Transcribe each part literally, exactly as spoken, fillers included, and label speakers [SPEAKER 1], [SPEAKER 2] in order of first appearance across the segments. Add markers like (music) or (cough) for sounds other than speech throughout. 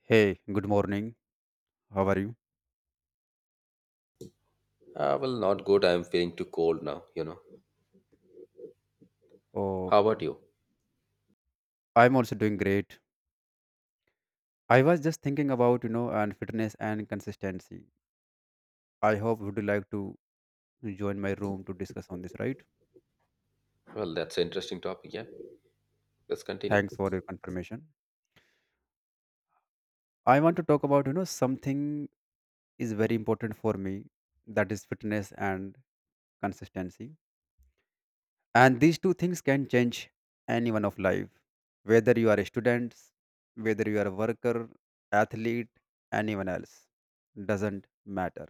[SPEAKER 1] Hey, good morning. How are you?
[SPEAKER 2] Uh, well, not good. I'm feeling too cold now, you know. How
[SPEAKER 1] Oh,
[SPEAKER 2] about you?
[SPEAKER 1] I'm also doing great. I was just thinking about, you know, and fitness and consistency. I hope would you like to join my room to discuss on this, right?
[SPEAKER 2] Well, that's an interesting topic. Yeah, let's continue.
[SPEAKER 1] Thanks for your confirmation. I want to talk about, you know, something is very important for me, that is fitness and consistency. And these two things can change anyone of life, whether you are a student, whether you are a worker, athlete, anyone else, doesn't matter.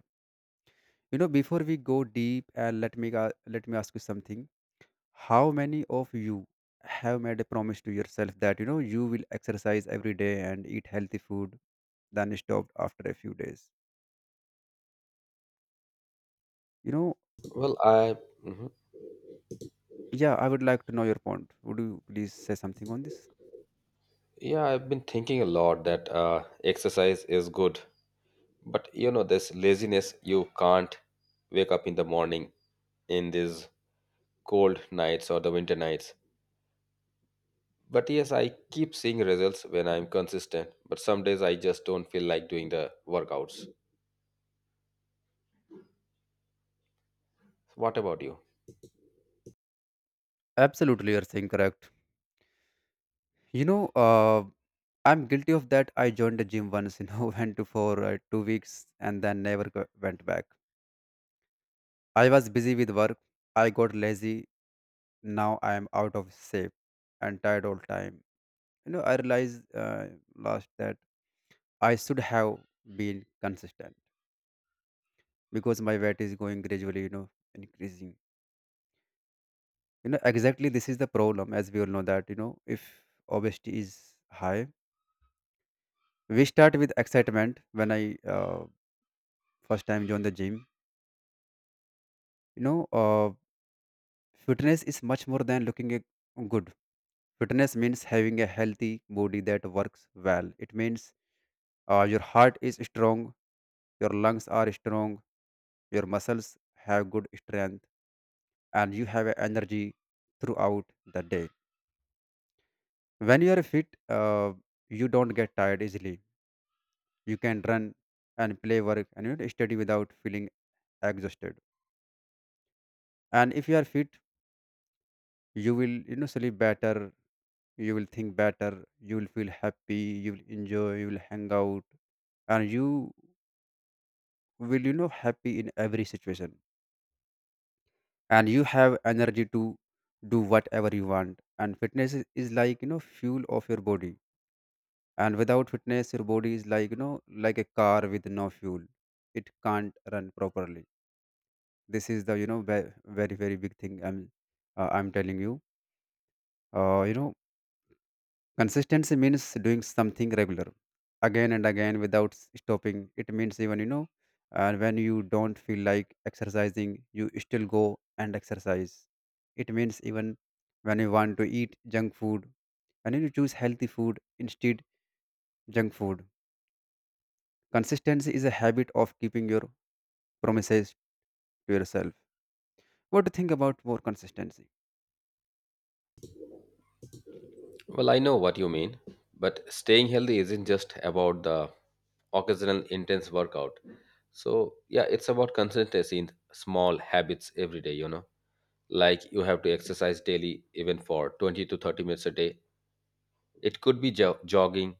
[SPEAKER 1] You know, before we go deep, and let me ga- let me ask you something. How many of you have made a promise to yourself that you know you will exercise every day and eat healthy food, then stopped after a few days? You know,
[SPEAKER 2] Well, I, mhm.
[SPEAKER 1] yeah, I would like to know your point. Would you please say something on this?
[SPEAKER 2] yeah, I've been thinking a lot that uh, exercise is good, but you know, this laziness, you can't wake up in the morning in these cold nights or the winter nights. But yes, I keep seeing results when I'm consistent, but some days I just don't feel like doing the workouts. What about you?
[SPEAKER 1] Absolutely, you're saying correct. You know, uh, I'm guilty of that. I joined the gym once, you know, (laughs) went to for uh, two weeks and then never go- went back. I was busy with work. I got lazy, now I am out of shape and tired all time. You know, I realized uh, last that I should have been consistent because my weight is going gradually, you know, increasing. You know, exactly this is the problem, as we all know that, you know, if obesity is high, we start with excitement when I uh, first time joined the gym. You know, uh, fitness is much more than looking a- good. Fitness means having a healthy body that works well. It means uh, your heart is strong, your lungs are strong, your muscles have good strength, and you have energy throughout the day. When you are fit uh, you don't get tired easily, you can run and play work and, you know, study without feeling exhausted. And if you are fit you will you know sleep better, you will think better, you will feel happy, you will enjoy, you will hang out, and you will you know happy in every situation, and you have energy to do whatever you want. And fitness is, is like you know fuel of your body, and without fitness your body is like you know like a car with no fuel, it can't run properly. This is the you know ve- very very big thing i'm uh, i'm telling you. Uh, you know Consistency means doing something regular, again and again without s- stopping. It means even you know, uh, when you don't feel like exercising, you still go and exercise. It means even when you want to eat junk food, when you choose healthy food instead junk food. Consistency is a habit of keeping your promises to yourself. What do you think about more consistency?
[SPEAKER 2] Well, I know what you mean, but staying healthy isn't just about the occasional intense workout. So, yeah, it's about consistency in small habits every day, you know. Like you have to exercise daily, even for twenty to thirty minutes a day. It could be jo- jogging,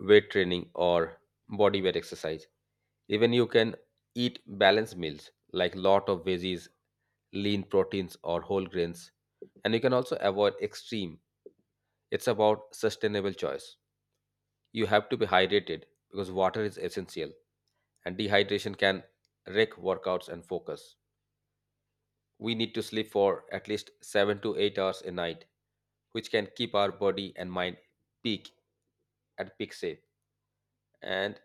[SPEAKER 2] weight training, or body weight exercise. Even you can eat balanced meals like lot of veggies, lean proteins, or whole grains. And you can also avoid extreme. It's about sustainable choice. You have to be hydrated because water is essential, and dehydration can wreck workouts and focus. We need to sleep for at least seven to eight hours a night, which can keep our body and mind peak at peak shape. And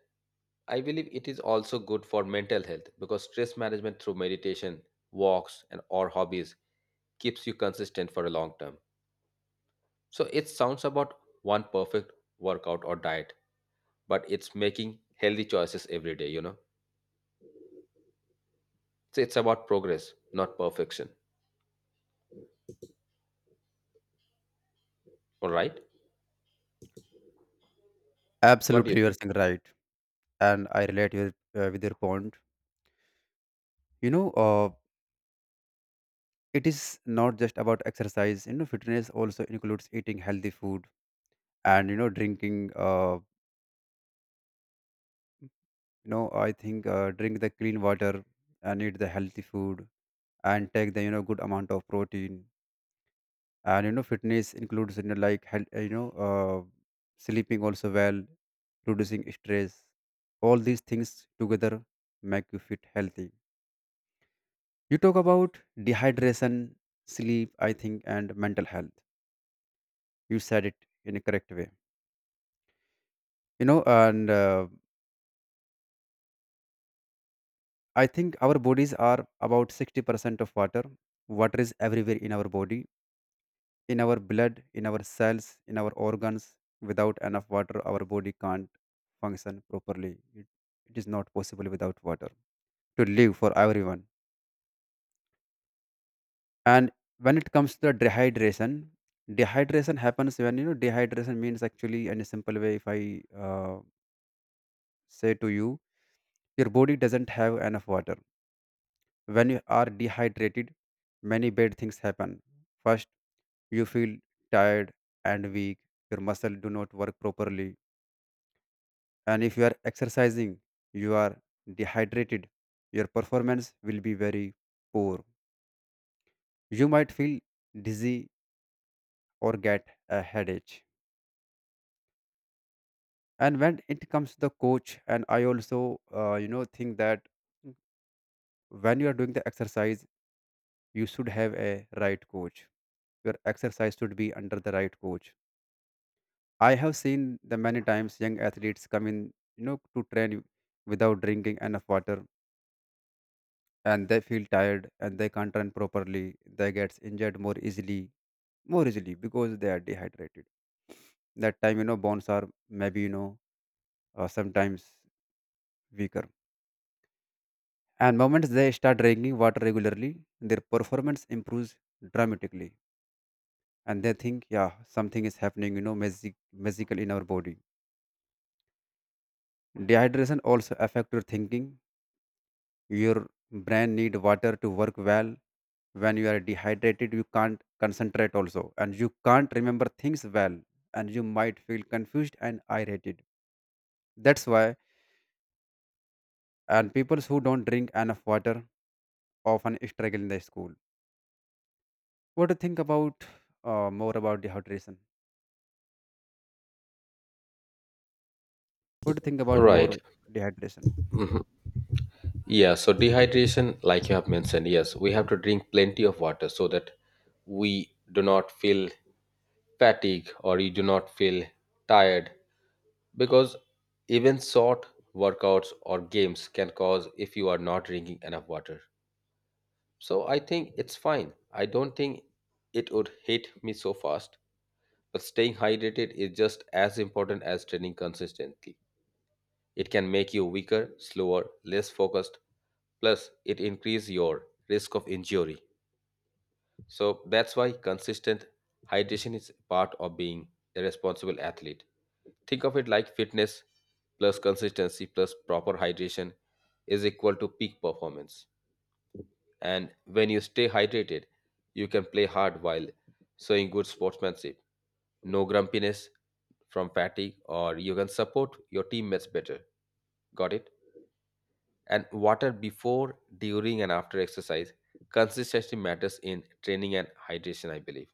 [SPEAKER 2] I believe it is also good for mental health because stress management through meditation, walks, and or hobbies keeps you consistent for a long term. So it sounds about one perfect workout or diet, but it's making healthy choices every day, you know. So it's about progress, not perfection. All right. What do you
[SPEAKER 1] Absolutely, you are
[SPEAKER 2] think?
[SPEAKER 1] saying right, and I relate your, uh, with your point. You know, uh, it is not just about exercise, you know fitness also includes eating healthy food and you know drinking uh, you know i think uh, drink the clean water and eat the healthy food and take the you know good amount of protein. And you know fitness includes you know like health, you know uh, sleeping also well, reducing stress, all these things together make you fit healthy. You talk about dehydration, sleep I think, and mental health. You said it in a correct way, you know and uh, I think our bodies are about sixty percent of water. Water is everywhere in our body, in our blood, in our cells, in our organs. Without enough water our body can't function properly. It, it is not possible without water to live for everyone. And when it comes to the dehydration, dehydration happens when you know dehydration means actually in a simple way if I uh, say to you your body doesn't have enough water. When you are dehydrated, many bad things happen. First, you feel tired and weak. Your muscle do not work properly. And if you are exercising, you are dehydrated, your performance will be very poor. You might feel dizzy or get a headache. And when it comes to the coach, and I also, uh, you know, think that when you are doing the exercise, you should have a right coach. Your exercise should be under the right coach. I have seen the many times young athletes come in, you know, to train without drinking enough water, and they feel tired and they can't run properly. They get injured more easily, more easily because they are dehydrated. That time, you know, bones are maybe you know uh, sometimes weaker. And moments they start drinking water regularly, their performance improves dramatically, and they think, yeah, something is happening, you know, magic, magical in our body. Dehydration also affect your thinking, your brain need water to work well. When you are dehydrated, you can't concentrate also, and you can't remember things well, and you might feel confused and irritated. That's why and people who don't drink enough water often struggle in the school. What do you think about uh, more about dehydration? What do you think
[SPEAKER 2] All
[SPEAKER 1] about
[SPEAKER 2] right.
[SPEAKER 1] more dehydration?
[SPEAKER 2] Mhm. Yeah. So dehydration, like you have mentioned, yes, we have to drink plenty of water so that we do not feel fatigue or you do not feel tired because even short workouts or games can cause if you are not drinking enough water. So I think it's fine. I don't think it would hit me so fast. But staying hydrated is just as important as training consistently. It can make you weaker, slower, less focused, plus it increase your risk of injury. So that's why consistent hydration is part of being a responsible athlete. Think of it like fitness plus consistency plus proper hydration is equal to peak performance. And when you stay hydrated, you can play hard while showing good sportsmanship. No grumpiness from fatigue, or you can support your teammates better. Got it? And water before, during, and after exercise. Consistency matters in training and hydration, I believe.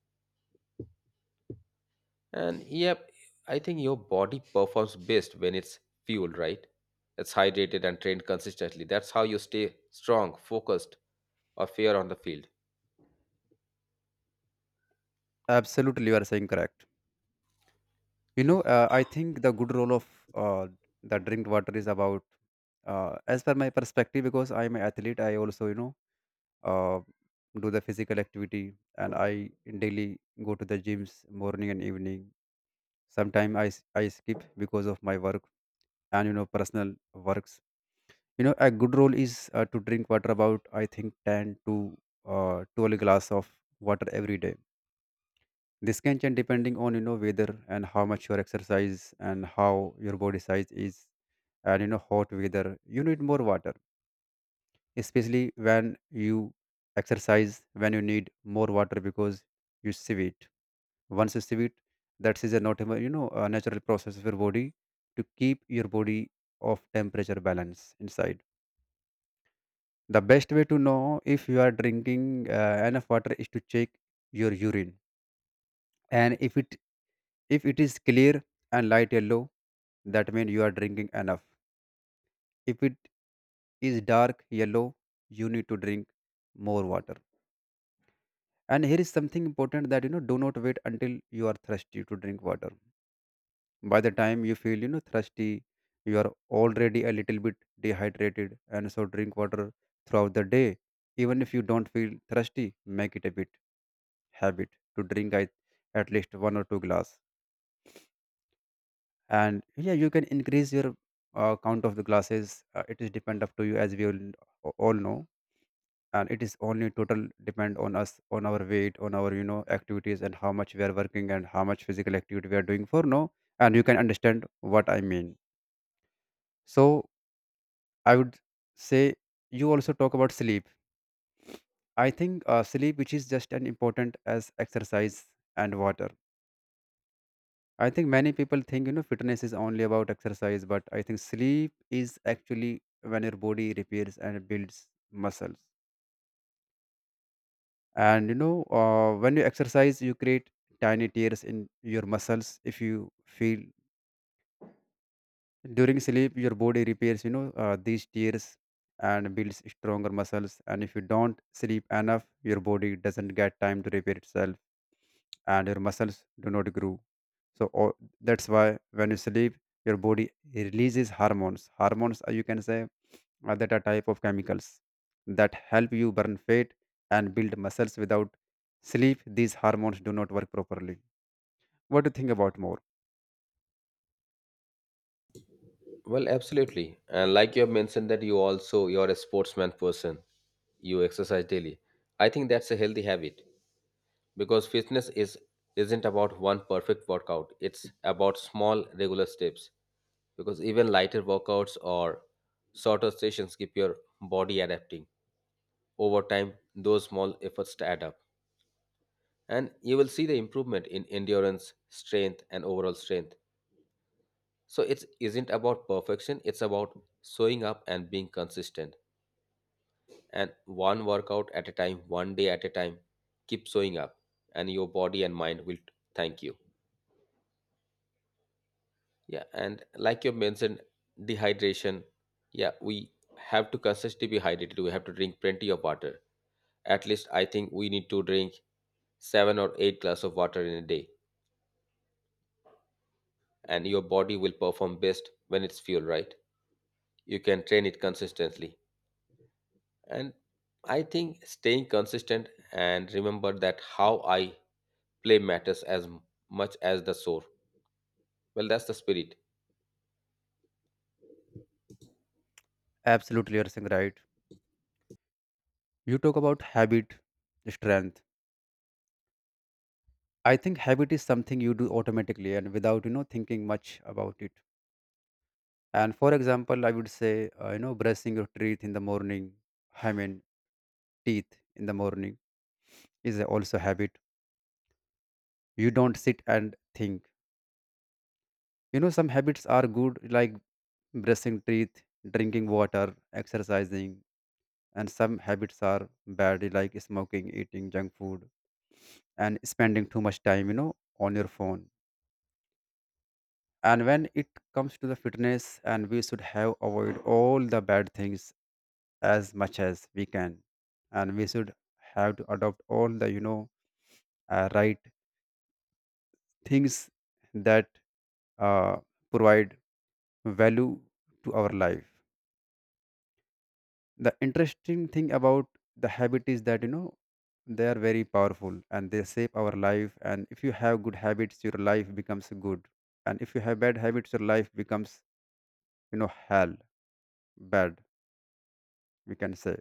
[SPEAKER 2] And yep, I think your body performs best when it's fueled, right? It's hydrated and trained consistently. That's how you stay strong, focused, or fair on the field.
[SPEAKER 1] Absolutely you are saying correct. You know uh, i think the good role of uh, the drink water is about, uh, as per my perspective, because I am an athlete I also you know uh, do the physical activity and I daily go to the gyms morning and evening. Sometimes I, s- I skip because of my work and you know personal works. You know a good rule is uh, to drink water about I think ten to uh, twelve glass of water every day. This can change depending on you know weather and how much your exercise and how your body size is. And you know hot weather you need more water, especially when you exercise, when you need more water because you sieve it. Once you sieve it, that is a not you know a natural process of your body to keep your body of temperature balance inside. The best way to know if you are drinking uh, enough water is to check your urine. And if it if it is clear and light yellow, that means you are drinking enough. If it is dark yellow, you need to drink more water. And here is something important that you know do not wait until you are thirsty to drink water. By the time you feel you know thirsty, you are already a little bit dehydrated, and so drink water throughout the day. Even if you don't feel thirsty, make it a bit habit to drink at at least one or two glass. And yeah, you can increase your uh, count of the glasses. Uh, it is depend up to you, as we all, all know. And it is only total depend on us, on our weight, on our you know activities, and how much we are working, and how much physical activity we are doing for now, and you can understand what I mean. So I would say, you also talk about sleep. I think uh, sleep which is just as important as exercise and water. I think many people think you know fitness is only about exercise, but I think sleep is actually when your body repairs and builds muscles. And you know uh, when you exercise you create tiny tears in your muscles, if you feel during sleep your body repairs, you know uh, these tears, and builds stronger muscles. And if you don't sleep enough your body doesn't get time to repair itself, and your muscles do not grow. So all, that's why when you sleep your body releases hormones, hormones uh, you can say uh, that are type of chemicals that help you burn fat and build muscles. Without sleep these hormones do not work properly. What do you think about more?
[SPEAKER 2] Well, absolutely. And like you have mentioned that you also you're a sportsman person. You exercise daily. I think that's a healthy habit because fitness is isn't about one perfect workout. It's about small regular steps because even lighter workouts or shorter sessions keep your body adapting over time, those small efforts add up, and you will see the improvement in endurance strength and overall strength. So it isn't about perfection, it's about showing up and being consistent. And one workout at a time, one day at a time, keep showing up and your body and mind will thank you. Yeah, and like you mentioned dehydration, yeah, we have to consistently be hydrated, we have to drink plenty of water. At least I think we need to drink seven or eight glass of water in a day, and your body will perform best when it's fueled right. You can train it consistently. And I think staying consistent and remember that how I play matters as m- much as the score. Well, that's the spirit.
[SPEAKER 1] Absolutely you're saying right. You talk about habit, strength. I think habit is something you do automatically and without you know thinking much about it. And for example I would say uh, you know brushing your teeth in the morning. I mean teeth in the morning is also habit. You don't sit and think. You know, some habits are good, like brushing teeth, drinking water, exercising, and some habits are bad, like smoking, eating junk food, and spending too much time, you know, on your phone. And when it comes to the fitness, and we should have avoid all the bad things as much as we can, and we should have to adopt all the you know uh, right things that uh, provide value to our life. The interesting thing about the habit is that you know they are very powerful and they shape our life. And if you have good habits your life becomes good, and if you have bad habits your life becomes you know hell bad, we can say.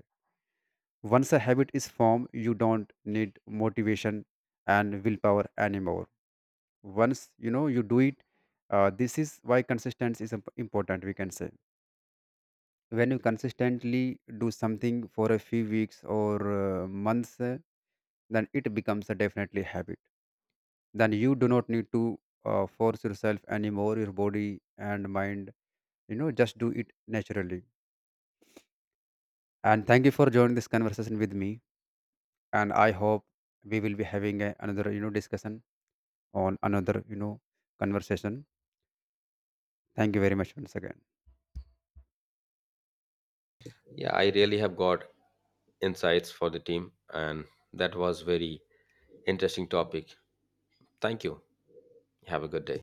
[SPEAKER 1] Once a habit is formed you don't need motivation and willpower anymore. Once you know you do it, uh, this is why consistency is imp- important, we can say. When you consistently do something for a few weeks or uh, months, then it becomes a definitely habit. Then you do not need to uh, force yourself anymore. Your body and mind, you know just do it naturally. And thank you for joining this conversation with me. And I hope we will be having a, another you know discussion on another you know conversation. Thank you very much once again.
[SPEAKER 2] Yeah, I really have got insights for the team, and that was very interesting topic. Thank you. Have a good day.